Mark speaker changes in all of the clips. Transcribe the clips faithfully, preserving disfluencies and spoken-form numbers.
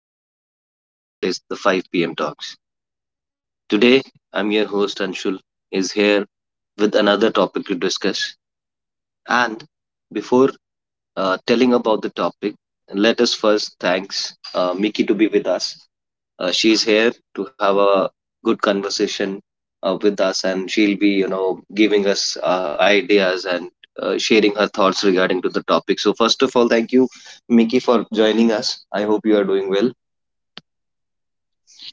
Speaker 1: welcome back to the podcast that is the five p m. Talks. Today, I'm your host Anshul, is here with another topic to discuss. And before uh, telling about the topic, let us first thanks uh, Miki to be with us. Uh, she's here to have a good conversation uh, with us, and she'll be, you know, giving us uh, ideas and uh, sharing her thoughts regarding to the topic. So, first of all, thank you, Miki, for joining us. I hope you are doing well.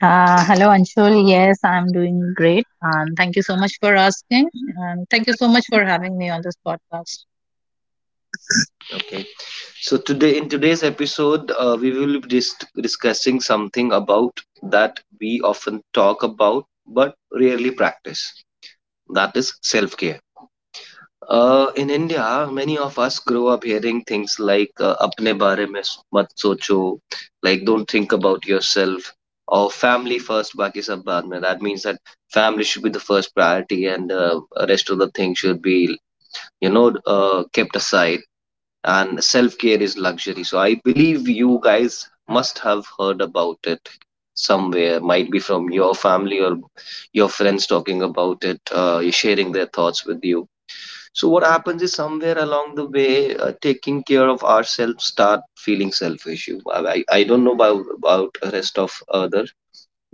Speaker 2: Uh, hello, Anshul. Yes, I'm doing great. And thank you so much for asking. And thank you so much for having me on this podcast.
Speaker 1: So today, in today's episode, uh, we will be dis- discussing something about that we often talk about but rarely practice. That is self care. Uh, in India, many of us grow up hearing things like uh, "अपने बारे में मत सोचो," like "Don't think about yourself," or "Family first, बाकी सब बाद में." That means that family should be the first priority, and uh, rest of the things should be, you know, uh, kept aside and self care is luxury. So I believe you guys must have heard about it somewhere. Might be from your family or your friends talking about it, uh, sharing their thoughts with you. So what happens is somewhere along the way, uh, taking care of ourselves start feeling selfish. You- I I don't know about, about rest of others,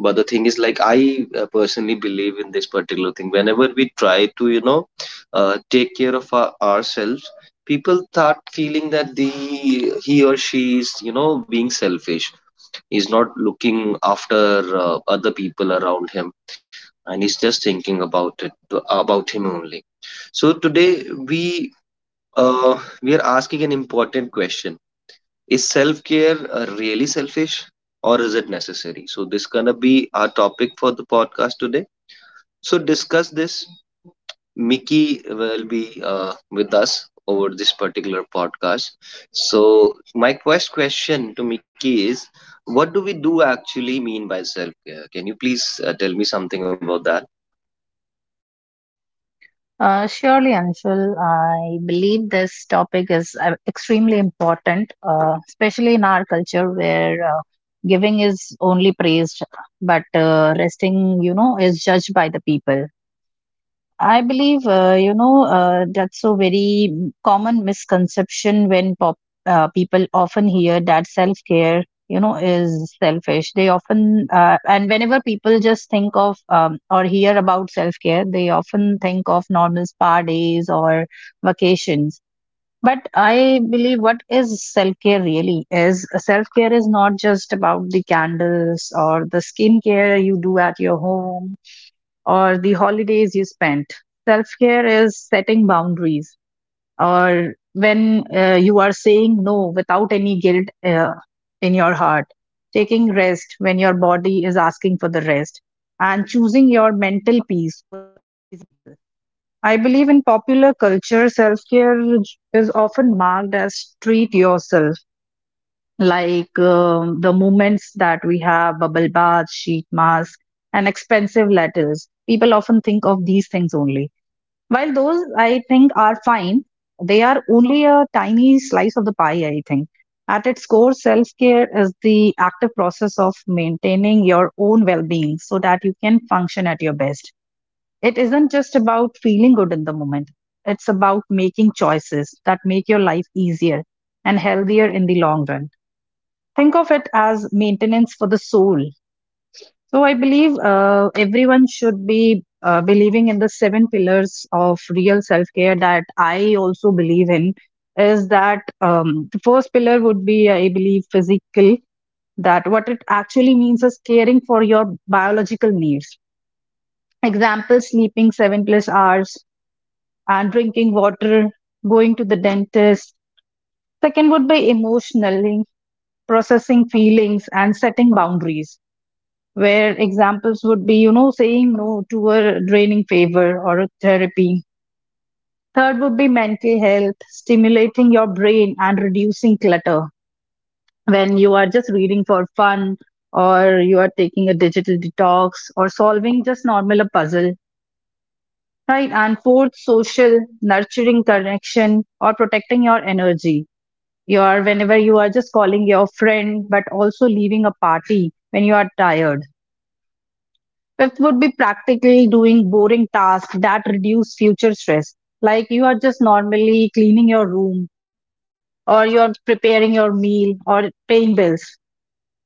Speaker 1: but the thing is like i uh, personally believe in this particular thing. Whenever we try to, you know, uh, take care of our, ourselves, people start feeling that the he or she is, you know, being selfish. He's not looking after uh, other people around him, and he's just thinking about it, about him only. So today, we uh, we are asking an important question: is self care uh, really selfish, or is it necessary? So, this gonna be our topic for the podcast today. So, discuss this. Mickey will be uh, with us over this particular podcast. So, my first question to Mickey is, what do we do actually mean by self care? Can you please uh, tell me something about that?
Speaker 2: Uh, surely, Anshul, I believe this topic is uh, extremely important, uh, especially in our culture where uh, giving is only praised, but uh, resting, you know, is judged by the people. I believe, uh, you know, uh, that's a very m- common misconception when pop, uh, people often hear that self care, you know, is selfish. They often, uh, and whenever people just think of um, or hear about self care, they often think of normal spa days or vacations. But I believe what is self care really is self care is not just about the candles or the skincare you do at your home or the holidays you spent. Self care is setting boundaries or when uh, you are saying no without any guilt uh, in your heart, taking rest when your body is asking for the rest, and choosing your mental peace. I believe in popular culture, self care is often marked as treat yourself, like um, the movements that we have bubble bath, sheet mask, and expensive letters. People often think of these things only while those I think are fine, they are only a tiny slice of the pie, I think. At its core, self care is the active process of maintaining your own well being so that you can function at your best. It isn't just about feeling good in the moment, it's about making choices that make your life easier and healthier in the long run. Think of it as maintenance for the soul, so I believe uh, everyone should be uh, believing in the seven pillars of real self care that I also believe in. Is that um, the first pillar would be, I believe, physical, that what it actually means is caring for your biological needs. Example: sleeping seven plus hours and drinking water, going to the dentist. Second would be emotional, processing feelings and setting boundaries, where examples would be, you know, saying no to a draining favor or a therapy. Third would be mental health, stimulating your brain and reducing clutter. When you are just reading for fun, or you are taking a digital detox, or solving just normal a puzzle, right? And fourth, social, nurturing connection, or protecting your energy. You are Whenever you are just calling your friend, but also leaving a party when you are tired. Fifth would be practically doing boring tasks that reduce future stress. Like you are just normally cleaning your room, or you're preparing your meal, or paying bills.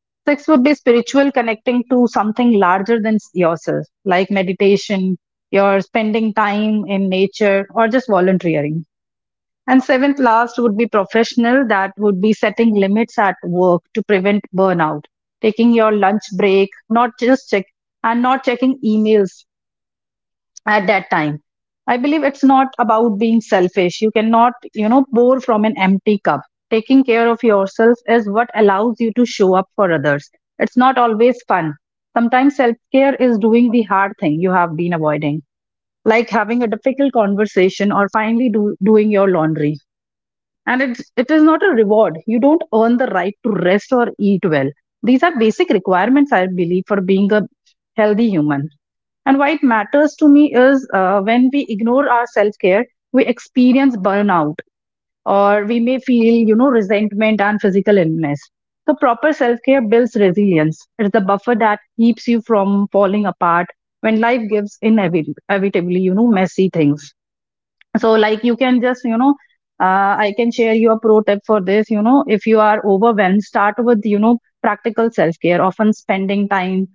Speaker 2: Sixth would be spiritual, connecting to something larger than s- yourself, like meditation, your spending time in nature, or just volunteering. And seventh, last would be professional, that would be setting limits at work to prevent burnout, taking your lunch break, not just check and not checking emails at that time. I believe it's not about being selfish. You cannot, you know, pour from an empty cup. Taking care of yourself is what allows you to show up for others. It's not always fun. Sometimes self care is doing the hard thing you have been avoiding, like having a difficult conversation or finally do, doing your laundry. And it it is not a reward. You don't earn the right to rest or eat well. These are basic requirements, I believe, for being a healthy human. And why it matters to me is, uh, when we ignore our self care, we experience burnout, or we may feel, you know, resentment and physical illness. So proper self care builds resilience. It's the buffer that keeps you from falling apart when life gives, inevitably inevitably, you know, messy things. So like you can just, you know, uh, I can share you a pro tip for this. You know, if you are overwhelmed, start with, you know, practical self care. often spending time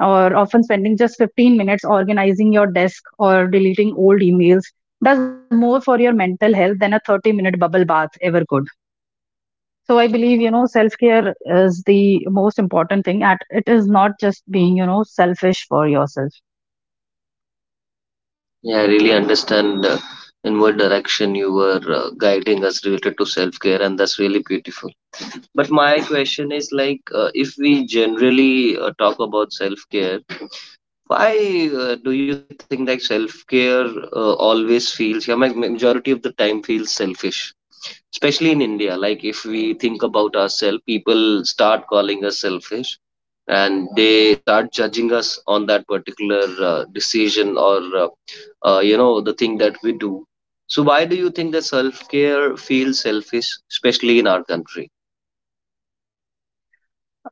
Speaker 2: or Often spending just 15 minutes organizing your desk or deleting old emails does more for your mental health than a 30 minute bubble bath ever could. So I believe, you know, self care is the most important thing at it is not just being, you know, selfish for yourself.
Speaker 1: Yeah, I really understand uh, in what direction you were uh, guiding us related to self care, and that's really beautiful. But my question is like, uh, if we generally uh, talk about self care, why uh, do you think that self care uh, always feels, yeah, ma- majority of the time feels selfish? Especially in India, like if we think about ourselves, people start calling us selfish and they start judging us on that particular uh, decision or uh, uh, you know, the thing that we do. So why do you think that self care feels selfish, especially in our country?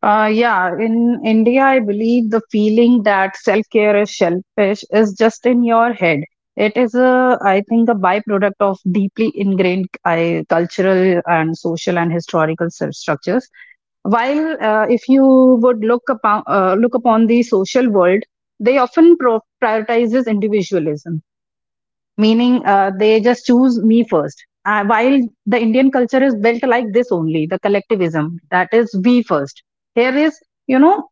Speaker 2: Uh, yeah, in India, I believe the feeling that self care is selfish is just in your head. It is a, I think, a byproduct of deeply ingrained, I, cultural and social and historical stru- structures. While uh, if you would look upon uh, look upon the social world, they often pro- prioritizes individualism, meaning uh, they just choose me first. Uh, while the Indian culture is built like this only, the collectivism, that is, we first. Here is, you know,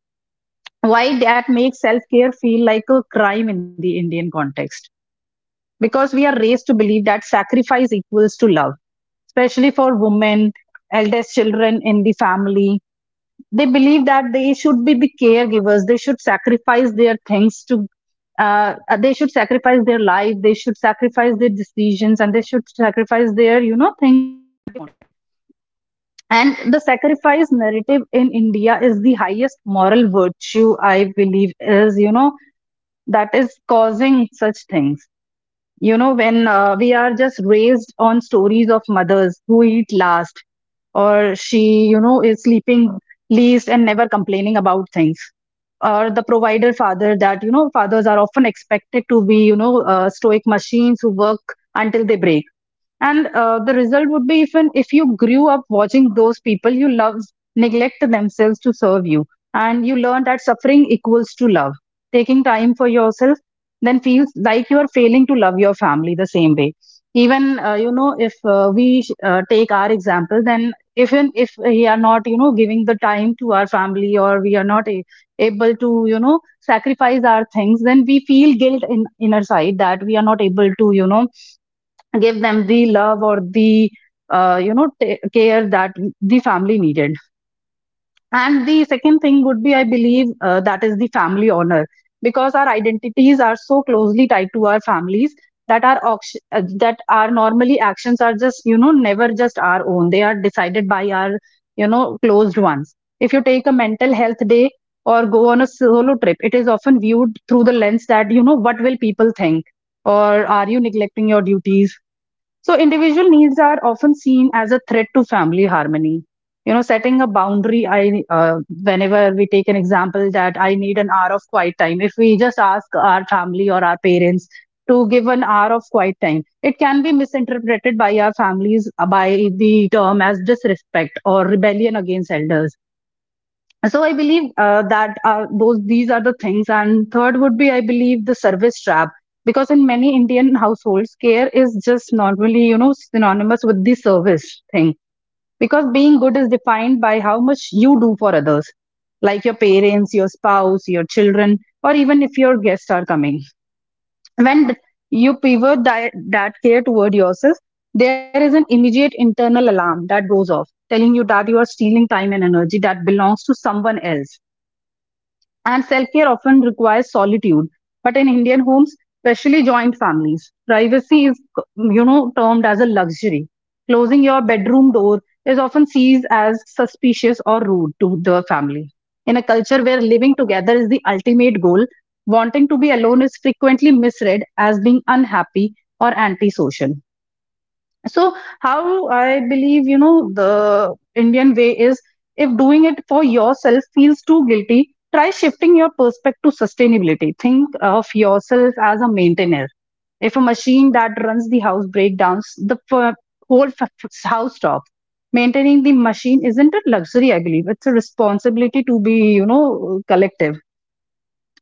Speaker 2: why that makes self care feel like a crime in the Indian context, because we are raised to believe that sacrifice equals to love, especially for women, eldest children in the family. They believe that they should be the caregivers. They should sacrifice their things to uh, uh, they should sacrifice their life. They should sacrifice their decisions, and they should sacrifice their, you know, thing. And the sacrifice narrative in India is the highest moral virtue, I believe, is, you know, that is causing such things. You know when uh, we are just raised on stories of mothers who eat last, or she, you know, is sleeping least and never complaining about things, or the provider father that, you know, expected to be, you know, uh, stoic machines who work until they break. And uh, the result would be, even if you grew up watching those people you love neglect themselves to serve you, and you learn that suffering equals to love, taking time for yourself then feels like you are failing to love your family the same way. Even, uh, you know, if uh, we uh, take our example, then even if we are not, you know, giving the time to our family, or we are not a- able to, you know, sacrifice our things, then we feel guilt in inner side that we are not able to, you know, give them the love or the, uh, you know, ta care that the family needed. And the second thing would be, I believe, uh, that is the family honor, because our identities are so closely tied to our families that our auction, uh, that our normally actions are just, you know, never just our own. They are decided by our, you know, closed ones. If you take a mental health day or go on a solo trip, it is often viewed through the lens that, you know, what will people think, or are you neglecting your duties? So, individual needs are often seen as a threat to family harmony. You know, setting a boundary. I uh, Whenever we take an example that I need an hour of quiet time. If we just ask our family or our parents to give an hour of quiet time, it can be misinterpreted by our families, uh, by the term as disrespect or rebellion against elders. So I believe, uh, that are those these are the things. And third would be, I believe, the service trap, because in many Indian households care is just normally, you know, synonymous with the service thing, because being good is defined by how much you do for others, like your parents, your spouse, your children, or even if your guests are coming. When th- you pivot that, that care toward yourself, there is an immediate internal alarm that goes off, telling you that you are stealing time and energy that belongs to someone else. And self care often requires solitude. But in Indian homes, especially joint families, privacy is, you know, termed as a luxury. Closing your bedroom door is often seen as suspicious or rude to the family. In a culture where living together is the ultimate goal, wanting to be alone is frequently misread as being unhappy or antisocial. So how I believe, you know, the Indian way is, if doing it for yourself feels too guilty, try shifting your perspective to sustainability. Think of yourself as a maintainer. If a machine that runs the house breakdowns, the f- whole f- house stops. Maintaining the machine isn't a luxury, I believe. It's a responsibility to be, you know, collective.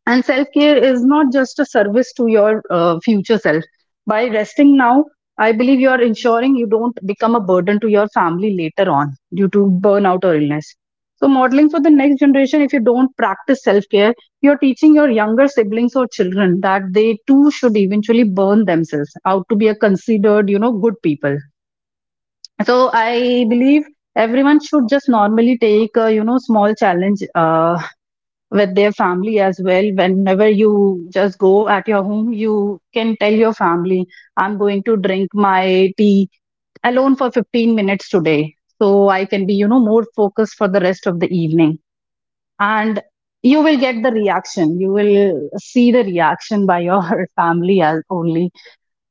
Speaker 2: And self care is not just a service to your uh, future self. By resting now, I believe you are ensuring you don't become a burden to your family later on due to burnout or illness. So, modeling for the next generation, if you don't practice self care, you're teaching your younger siblings or children that they too should eventually burn themselves out to be a considered, you know, good people. So, I believe everyone should just normally take a, you know, small challenge uh, with their family as well. Whenever you just go at your home, you can tell your family, I'm going to drink my tea alone for fifteen minutes today. So I can be, you know, more focused for the rest of the evening. And you will get the reaction. You will see the reaction by your family as only.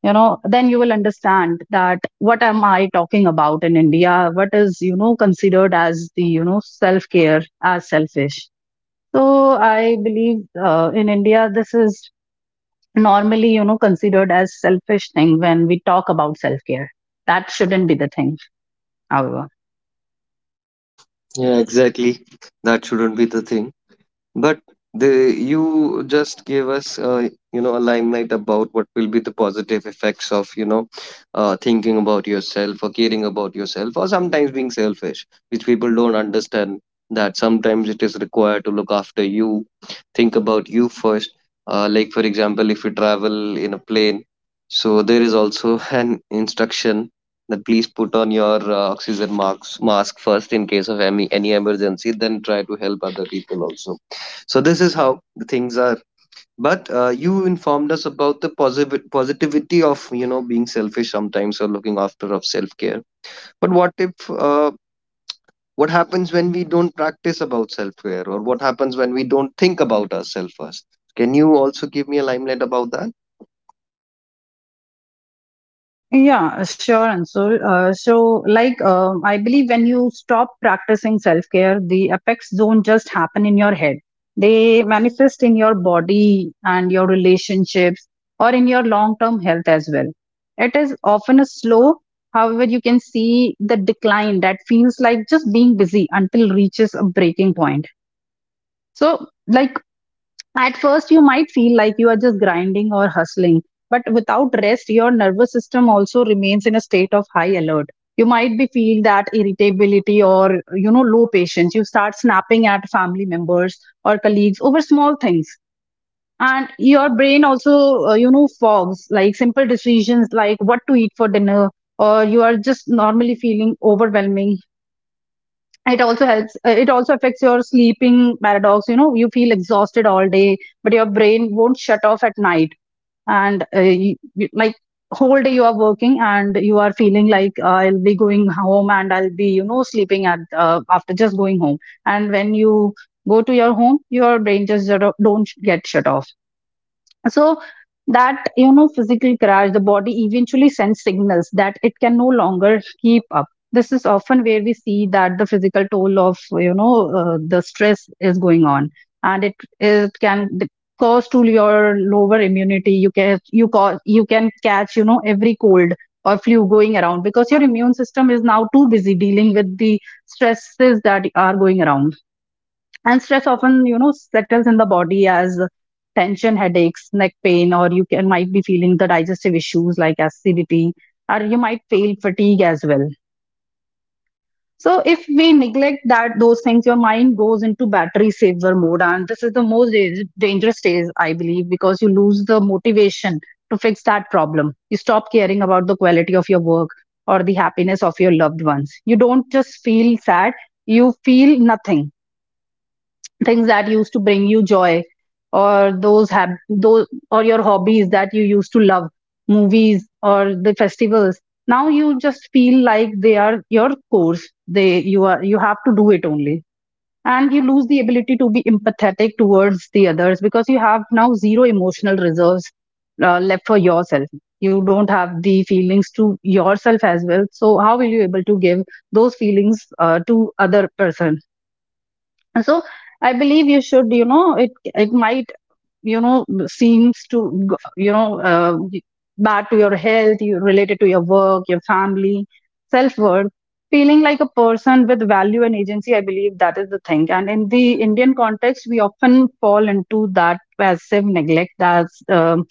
Speaker 2: You know, then you will understand that what am I talking about in India? What is, you know, considered as the, you know, self care as selfish. So I believe uh, in India, this is normally, you know, considered as selfish thing when we talk about self care. That shouldn't be the thing, however.
Speaker 1: Yeah, exactly. That shouldn't be the thing. But the you just gave us uh, you know, a limelight about what will be the positive effects of, you know, uh, thinking about yourself or caring about yourself or sometimes being selfish, which people don't understand that sometimes it is required to look after you, think about you first. Uh, like for example, if you travel in a plane, so there is also an instruction that please put on your uh, oxygen mask mask first in case of any any emergency. Then try to help other people also, so this is how the things are. But uh, you informed us about the positive positivity of, you know, being selfish sometimes or looking after of self care. But what if uh, what happens when we don't practice about self care, or what happens when we don't think about ourselves first? Can you also give me a limelight about that?
Speaker 2: Yeah, sure, Ansel. Uh, so, like, uh, I believe when you stop practicing self care, the effects don't just happen in your head. They manifest in your body and your relationships or in your long term health as well. It is often a slow, however, you can see the decline that feels like just being busy until reaches a breaking point. So, like, at first, you might feel like you are just grinding or hustling, but without rest, your nervous system also remains in a state of high alert. You might be feel that irritability or you know low patience. You start snapping at family members or colleagues over small things, and your brain also uh, you know fogs like simple decisions like what to eat for dinner, or you are just normally feeling overwhelming. It also helps uh, it also affects your sleeping paradox. You know, you feel exhausted all day, but your brain won't shut off at night. And uh, you, you- like whole day you are working and you are feeling like uh, I'll be going home and I'll be you know sleeping at uh, after just going home. And when you go to your home your brain just sort of don't get shut off. So that you know physical crash, the body eventually sends signals that it can no longer keep up. This is often where we see that the physical toll of you know uh, the stress is going on, and it it can d- cause to your lower immunity. You can you cause you can catch you know every cold or flu going around because your immune system is now too busy dealing with the stresses that are going around. And stress often, you know, settles in the body as tension, headaches, neck pain, or you can might be feeling the digestive issues like acidity, or you might feel fatigue as well. So if we neglect that those things, your mind goes into battery saver mode, and this is the most da- dangerous stage, I believe, because you lose the motivation to fix that problem. You stop caring about the quality of your work or the happiness of your loved ones. You don't just feel sad; you feel nothing. Things that used to bring you joy or those have those or your hobbies that you used to love, movies or the festivals, now you just feel like they are your course. They you are you have to do it only. And you lose the ability to be empathetic towards the others because you have now zero emotional reserves uh, left for yourself. You don't have the feelings to yourself as well, so how will you able to give those feelings uh, to other person. So I believe you should you know it it might you know seems to go- you know uh, bad to your health, you related to your work, your family, self-worth, feeling like a person with value and agency. I believe that is the thing. And in the Indian context we often fall into that passive neglect. That's um,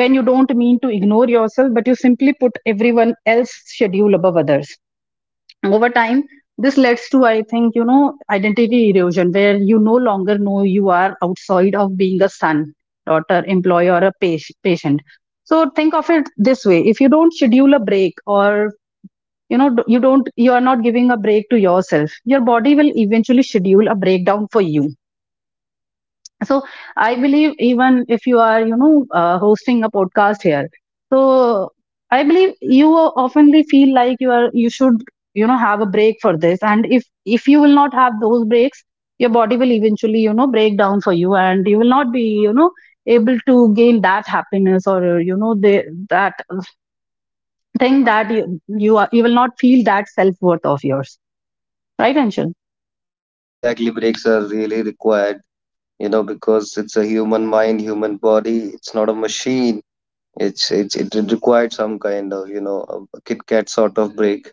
Speaker 2: when you don't mean to ignore yourself, but you simply put everyone else's schedule above others. Over time this leads to I think you know identity erosion, where you no longer know you are outside of being a son, daughter, employee, or a pa- patient. So think of it this way: if you don't schedule a break, or you know you don't you are not giving a break to yourself, your body will eventually schedule a breakdown for you. So I believe even if you are you know uh, hosting a podcast here, so I believe you oftenly feel like you are you should you know have a break for this. And if if you will not have those breaks, your body will eventually you know break down for you, and you will not be you know able to gain that happiness or uh, you know the, that thing that you you, are, you will not feel that self worth of yours, right Anshul?
Speaker 1: Exactly, breaks are really required, you know, because it's a human mind, human body. It's not a machine. It's it's it it required some kind of, you know, a Kit Kat sort of break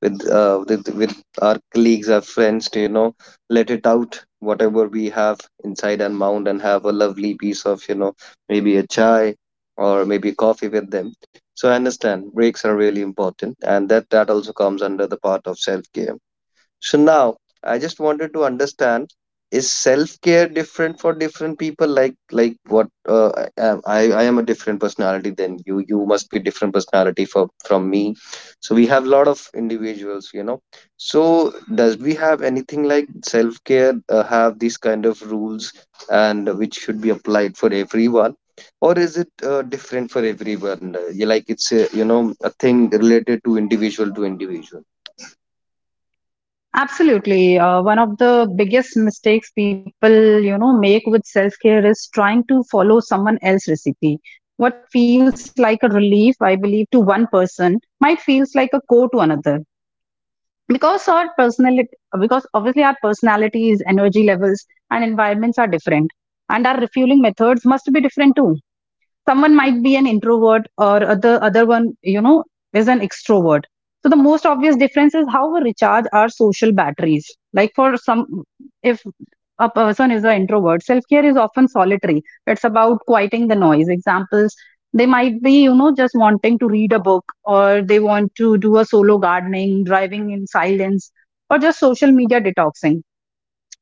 Speaker 1: with uh, with with our colleagues, our friends, to, you know, let it out whatever we have inside and mount, and have a lovely piece of, you know, maybe a chai or maybe coffee with them. So I understand breaks are really important, and that that also comes under the part of self care. So now I just wanted to understand, is self care different for different people? Like like what uh, I, am- I I am a different personality than you. You must be different personality for from me, so we have a lot of individuals, you know. So does we have anything like self care uh, have these kind of rules and which should be applied for everyone, or is it uh, different for everyone? Uh, yeah, like it's a, you know, a thing related to individual to individual.
Speaker 2: Absolutely. Uh, one of the biggest mistakes people, you know, make with self-care is trying to follow someone else's recipe. What feels like a relief, I believe, to one person might feels like a core to another. Because our personality, because obviously our personalities, energy levels, and environments are different, and our refueling methods must be different too. Someone might be an introvert or other other one you know is an extrovert. So the most obvious difference is how we recharge our social batteries. Like for some, if a person is an introvert, self care is often solitary. It's about quieting the noise. Examples: they might be you know just wanting to read a book, or they want to do a solo gardening, driving in silence, or just social media detoxing.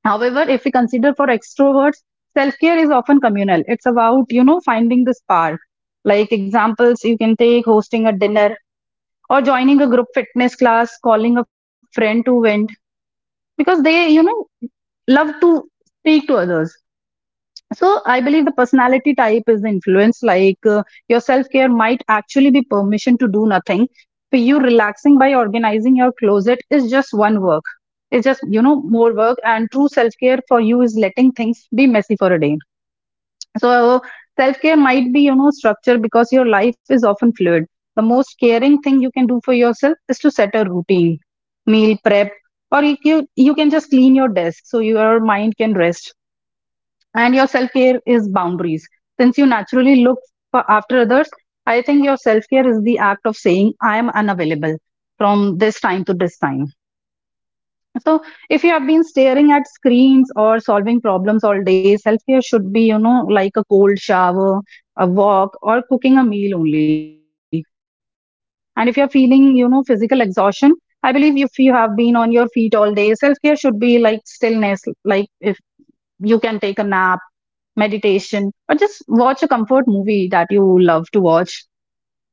Speaker 2: However, if we consider for extroverts, self care is often communal. It's about, you know, finding the spark. Like examples you can take hosting a dinner, or joining a group fitness class, calling a friend to vent because they, you know, love to speak to others. So I believe the personality type is the influence. Like uh, your self care might actually be permission to do nothing. For you, relaxing by organizing your closet is just one work. It's just you know more work. And true self care for you is letting things be messy for a day. So self care might be you know structure because your life is often fluid. The most caring thing you can do for yourself is to set a routine, meal prep, or you you you can just clean your desk so your mind can rest. And your self care is boundaries, since you naturally look for after others. I think your self care is the act of saying I am unavailable from this time to this time. So if you have been staring at screens or solving problems all day, self care should be you know like a cold shower, a walk, or cooking a meal only. And if you're feeling you know physical exhaustion, I believe if you have been on your feet all day, self care should be like stillness. Like if you can take a nap, meditation, or just watch a comfort movie that you love to watch.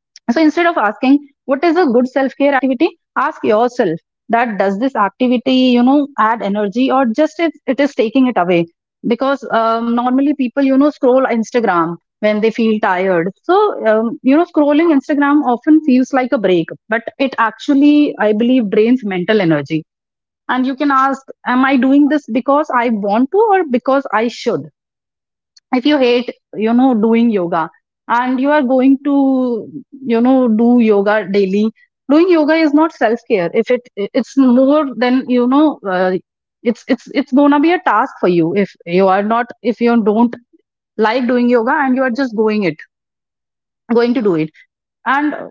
Speaker 2: So instead of asking, what is a good self care activity? Ask yourself that does this activity, you know, add energy, or just it, it is taking it away? Because um, normally people, you know, scroll Instagram when they feel tired. So, um, you know, scrolling Instagram often feels like a break, but it actually, I believe, drains mental energy. And you can ask, am I doing this because I want to or because I should? If you hate you know doing yoga and you are going to you know do yoga daily, doing yoga is not self care. If it it's more than you know uh, it's it's it's gonna be a task for you if you are not if you don't like doing yoga and you are just going it going to do it. And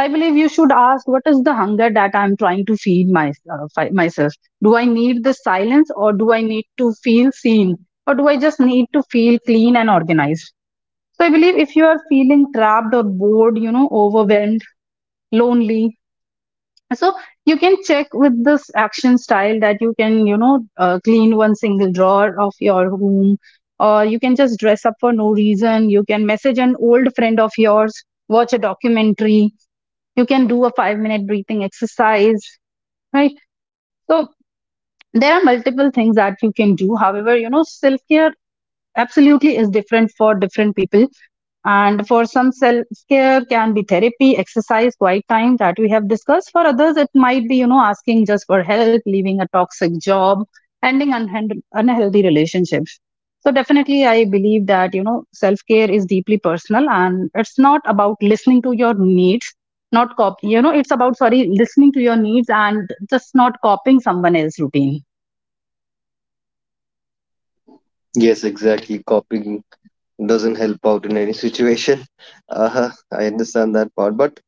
Speaker 2: I believe you should ask what is the hunger that I'm trying to feed my, uh, fi- myself. Do I need this silence, or do I need to feel seen, or do I just need to feel clean and organized? I believe if you are feeling trapped or bored, you know, overwhelmed, lonely, so you can check with this action style that you can, you know, uh, clean one single drawer of your room, or you can just dress up for no reason. You can message an old friend of yours, watch a documentary. You can do a five minute breathing exercise, right? So there are multiple things that you can do. However, you know, self care absolutely is different for different people. And for some, self care can be therapy, exercise, quiet time that we have discussed. For others it might be, you know asking just for help, leaving a toxic job, ending unhand- unhealthy relationships. So definitely I believe that, you know self care is deeply personal and it's not about listening to your needs, not copy you know it's about, sorry, listening to your needs and just not copying someone else's routine.
Speaker 1: Yes, exactly, copying doesn't help out in any situation. Uh, I understand that part, but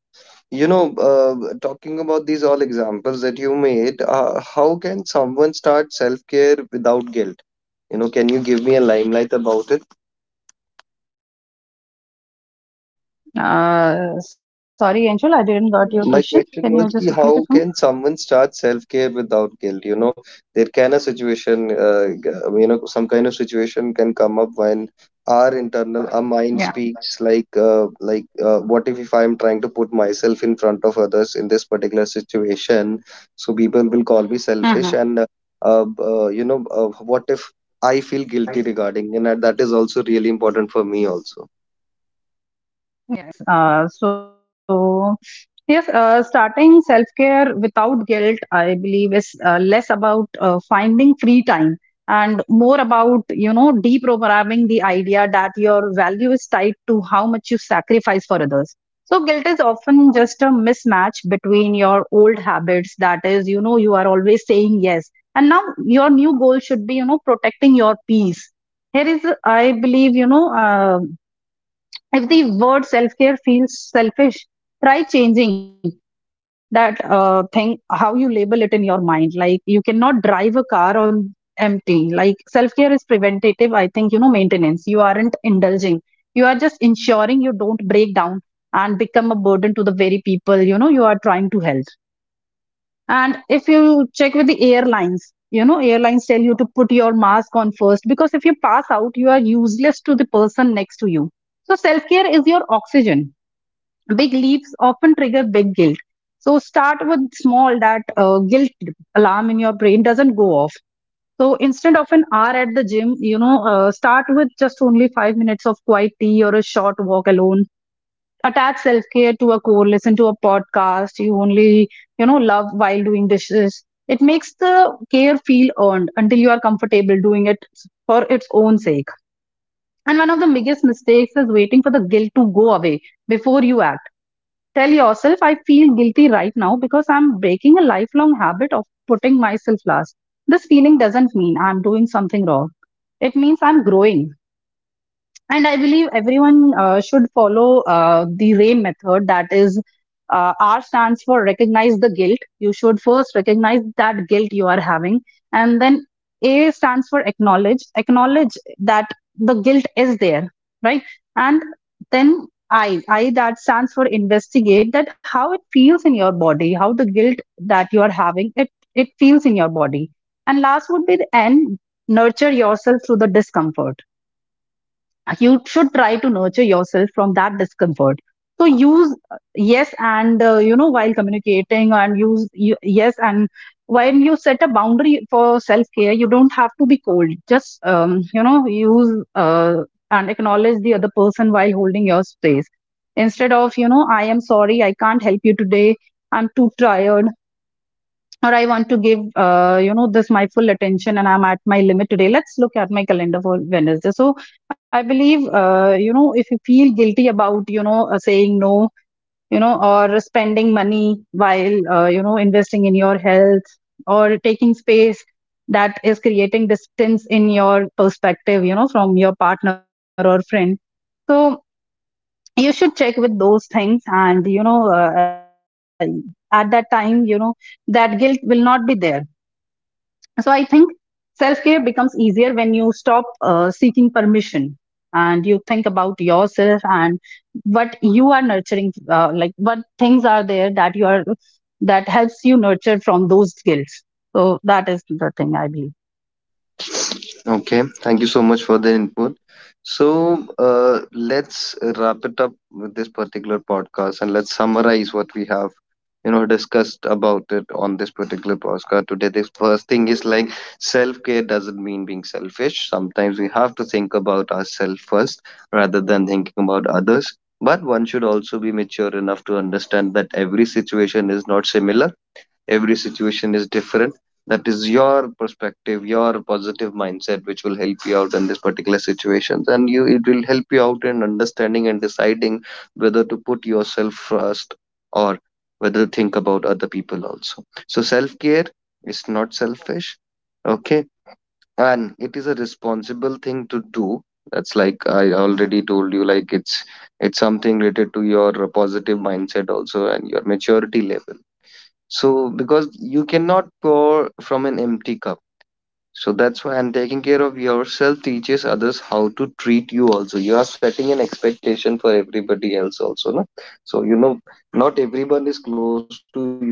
Speaker 1: you know, uh, talking about these all examples that you made, uh, how can someone start self care without guilt? You know, can you give me a limelight about it?
Speaker 2: uh Sorry Angel, I didn't got your
Speaker 1: My
Speaker 2: question.
Speaker 1: question
Speaker 2: Can
Speaker 1: was
Speaker 2: you just
Speaker 1: ki
Speaker 2: repeat it
Speaker 1: how
Speaker 2: for
Speaker 1: can someone start self care without guilt? You know, there can a situation, uh, g- you know, some kind of situation can come up when our internal, our mind
Speaker 2: me? Yeah.
Speaker 1: speaks like, uh, like, uh, what if if I'm trying to put myself in front of others in this particular situation? So people will call me selfish, and uh,
Speaker 2: Hmm.
Speaker 1: uh, uh, you know, uh, what if I feel guilty regarding, and that that is also really important for me also.
Speaker 2: Yes. Uh, so, yes, uh, starting self care without guilt, I believe, is uh, less about uh, finding free time and more about, you know, deprogramming the idea that your value is tied to how much you sacrifice for others. So, guilt is often just a mismatch between your old habits, that is, you know, you are always saying yes. And now your new goal should be, you know, protecting your peace. Here is, I believe, you know, uh, if the word self care feels selfish, try changing that uh, thing, how you label it in your mind. Like you cannot drive a car on empty. Like self care is preventative, I think, you know maintenance. You aren't indulging, you are just ensuring you don't break down and become a burden to the very people, you know you are trying to help. And if you check with the airlines, you know, airlines tell you to put your mask on first, because if you pass out, you are useless to the person next to you. So self care is your oxygen. Big leaps often trigger big guilt. So start with small, that uh, guilt alarm in your brain doesn't go off. So instead of an hour at the gym, you know, uh, start with just only five minutes of quiet tea or a short walk alone. Attach self-care to a core, listen to a podcast you only, you know love while doing dishes. It makes the care feel earned until you are comfortable doing it for its own sake. And one of the biggest mistakes is waiting for the guilt to go away before you act. Tell yourself, I feel guilty right now because I'm breaking a lifelong habit of putting myself last. This feeling doesn't mean I'm doing something wrong, it means I'm growing. And I believe everyone uh, should follow uh, the RAIN method. That is, uh, R stands for recognize the guilt. You should first recognize that guilt you are having. And then A stands acknowledge. Acknowledge that the guilt is there, right? And then I, I that stands for investigate, that how it feels in your body, how the guilt that you are having, it, it feels in your body. And last would be the N, nurture yourself through the discomfort. You should try to nurture yourself from that discomfort. So use, uh, yes and, uh, you know while communicating, and use you, yes and, when you set a boundary for self care. You don't have to be cold, just um, you know use uh, and acknowledge the other person while holding your space. Instead of, you know I am sorry I can't help you today, I'm too tired. Or, I want to give uh, you know this my full attention and I'm at my limit today, let's look at my calendar for Wednesday. So I believe, uh, you know if you feel guilty about, you know uh, saying no, you know or spending money while, uh, you know investing in your health, or taking space that is creating distance in your perspective, you know from your partner or friend. So you should check with those things, and you know uh, at that time, you know that guilt will not be there. So I think self care becomes easier when you stop uh, seeking permission, and you think about yourself and what you are nurturing, uh, like what things are there that you are, that helps you nurture from those skills. So that is the thing I believe.
Speaker 1: Okay, thank you so much for the input. So uh, let's wrap it up with this particular podcast and let's summarize what we have, you know, discussed about it on this particular podcast today. The first thing is like self care doesn't mean being selfish. Sometimes we have to think about ourselves first rather than thinking about others. But one should also be mature enough to understand that every situation is not similar, every situation is different. That is your perspective, your positive mindset, which will help you out in this particular situation, and you it will help you out in understanding and deciding whether to put yourself first or whether to think about other people also. So self care is not selfish, okay, and it is a responsible thing to do. That's like I already told you, like it's it's something related to your positive mindset also and your maturity level. So, because you cannot pour from an empty cup. So that's why, and taking care of yourself teaches others how to treat you also. You are setting an expectation for everybody else also, no? So, you know, not everyone is close to you.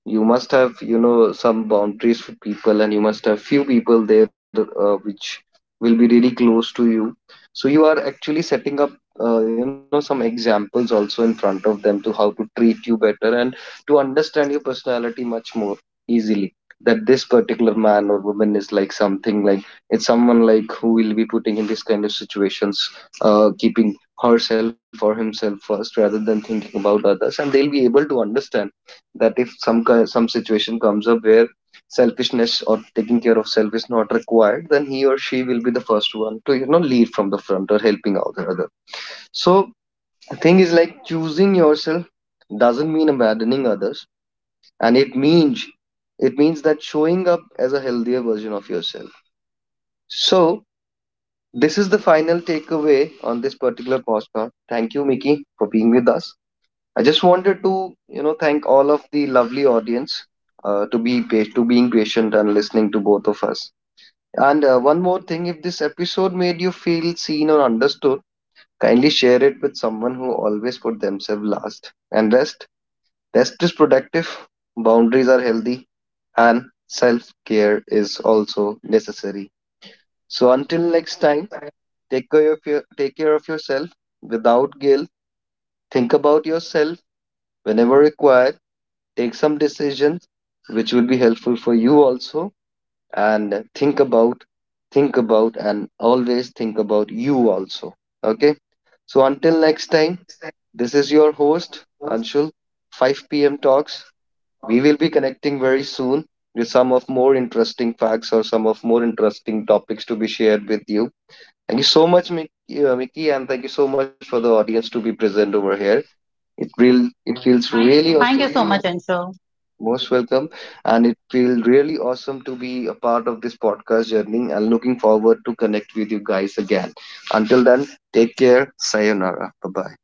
Speaker 1: You must have, you know, some boundaries with people, and you must have few people there, uh, which will be really close to you. So you are actually setting up, uh, you know, some examples also in front of them to how to treat you better and to understand your personality much more easily, that this particular man or woman is like something like it's someone like who will be putting in this kind of situations, uh, keeping herself or himself first rather than thinking about others, and they'll be able to understand that if some ki- some situation comes up where selfishness or taking care of self is not required, then he or she will be the first one to, you know, lead from the front or helping out the other. So thing is like choosing yourself doesn't mean abandoning others, and it means, it means that showing up as a healthier version of yourself. So this is the final takeaway on this particular podcast. Thank you, Mickey, for being with us. I just wanted to, you know, thank all of the lovely audience uh, to be pa- to being patient and listening to both of us. And uh, one more thing, if this episode made you feel seen or understood, kindly share it with someone who always put themselves last. And rest, rest is productive. Boundaries are healthy, and self care is also necessary. So until next time, take care of your take care of yourself without guilt. Think about yourself whenever required, take some decisions which will be helpful for you also, and think about think about, and always think about you also, okay. So until next time, this is your host Anshul, five p m talks. We will be connecting very soon with some of more interesting facts or some of more interesting topics to be shared with you. Thank you so much, Mickey, uh, mickey and thank you so much for the audience to be present over here. It
Speaker 2: Thank you so
Speaker 1: real
Speaker 2: much,
Speaker 1: it
Speaker 2: Anshu.
Speaker 1: feels really awesome. Most welcome. And it feels really awesome to be a part of this podcast journey, and looking forward to connect with you guys again. Until then, take care. Sayonara. Bye bye.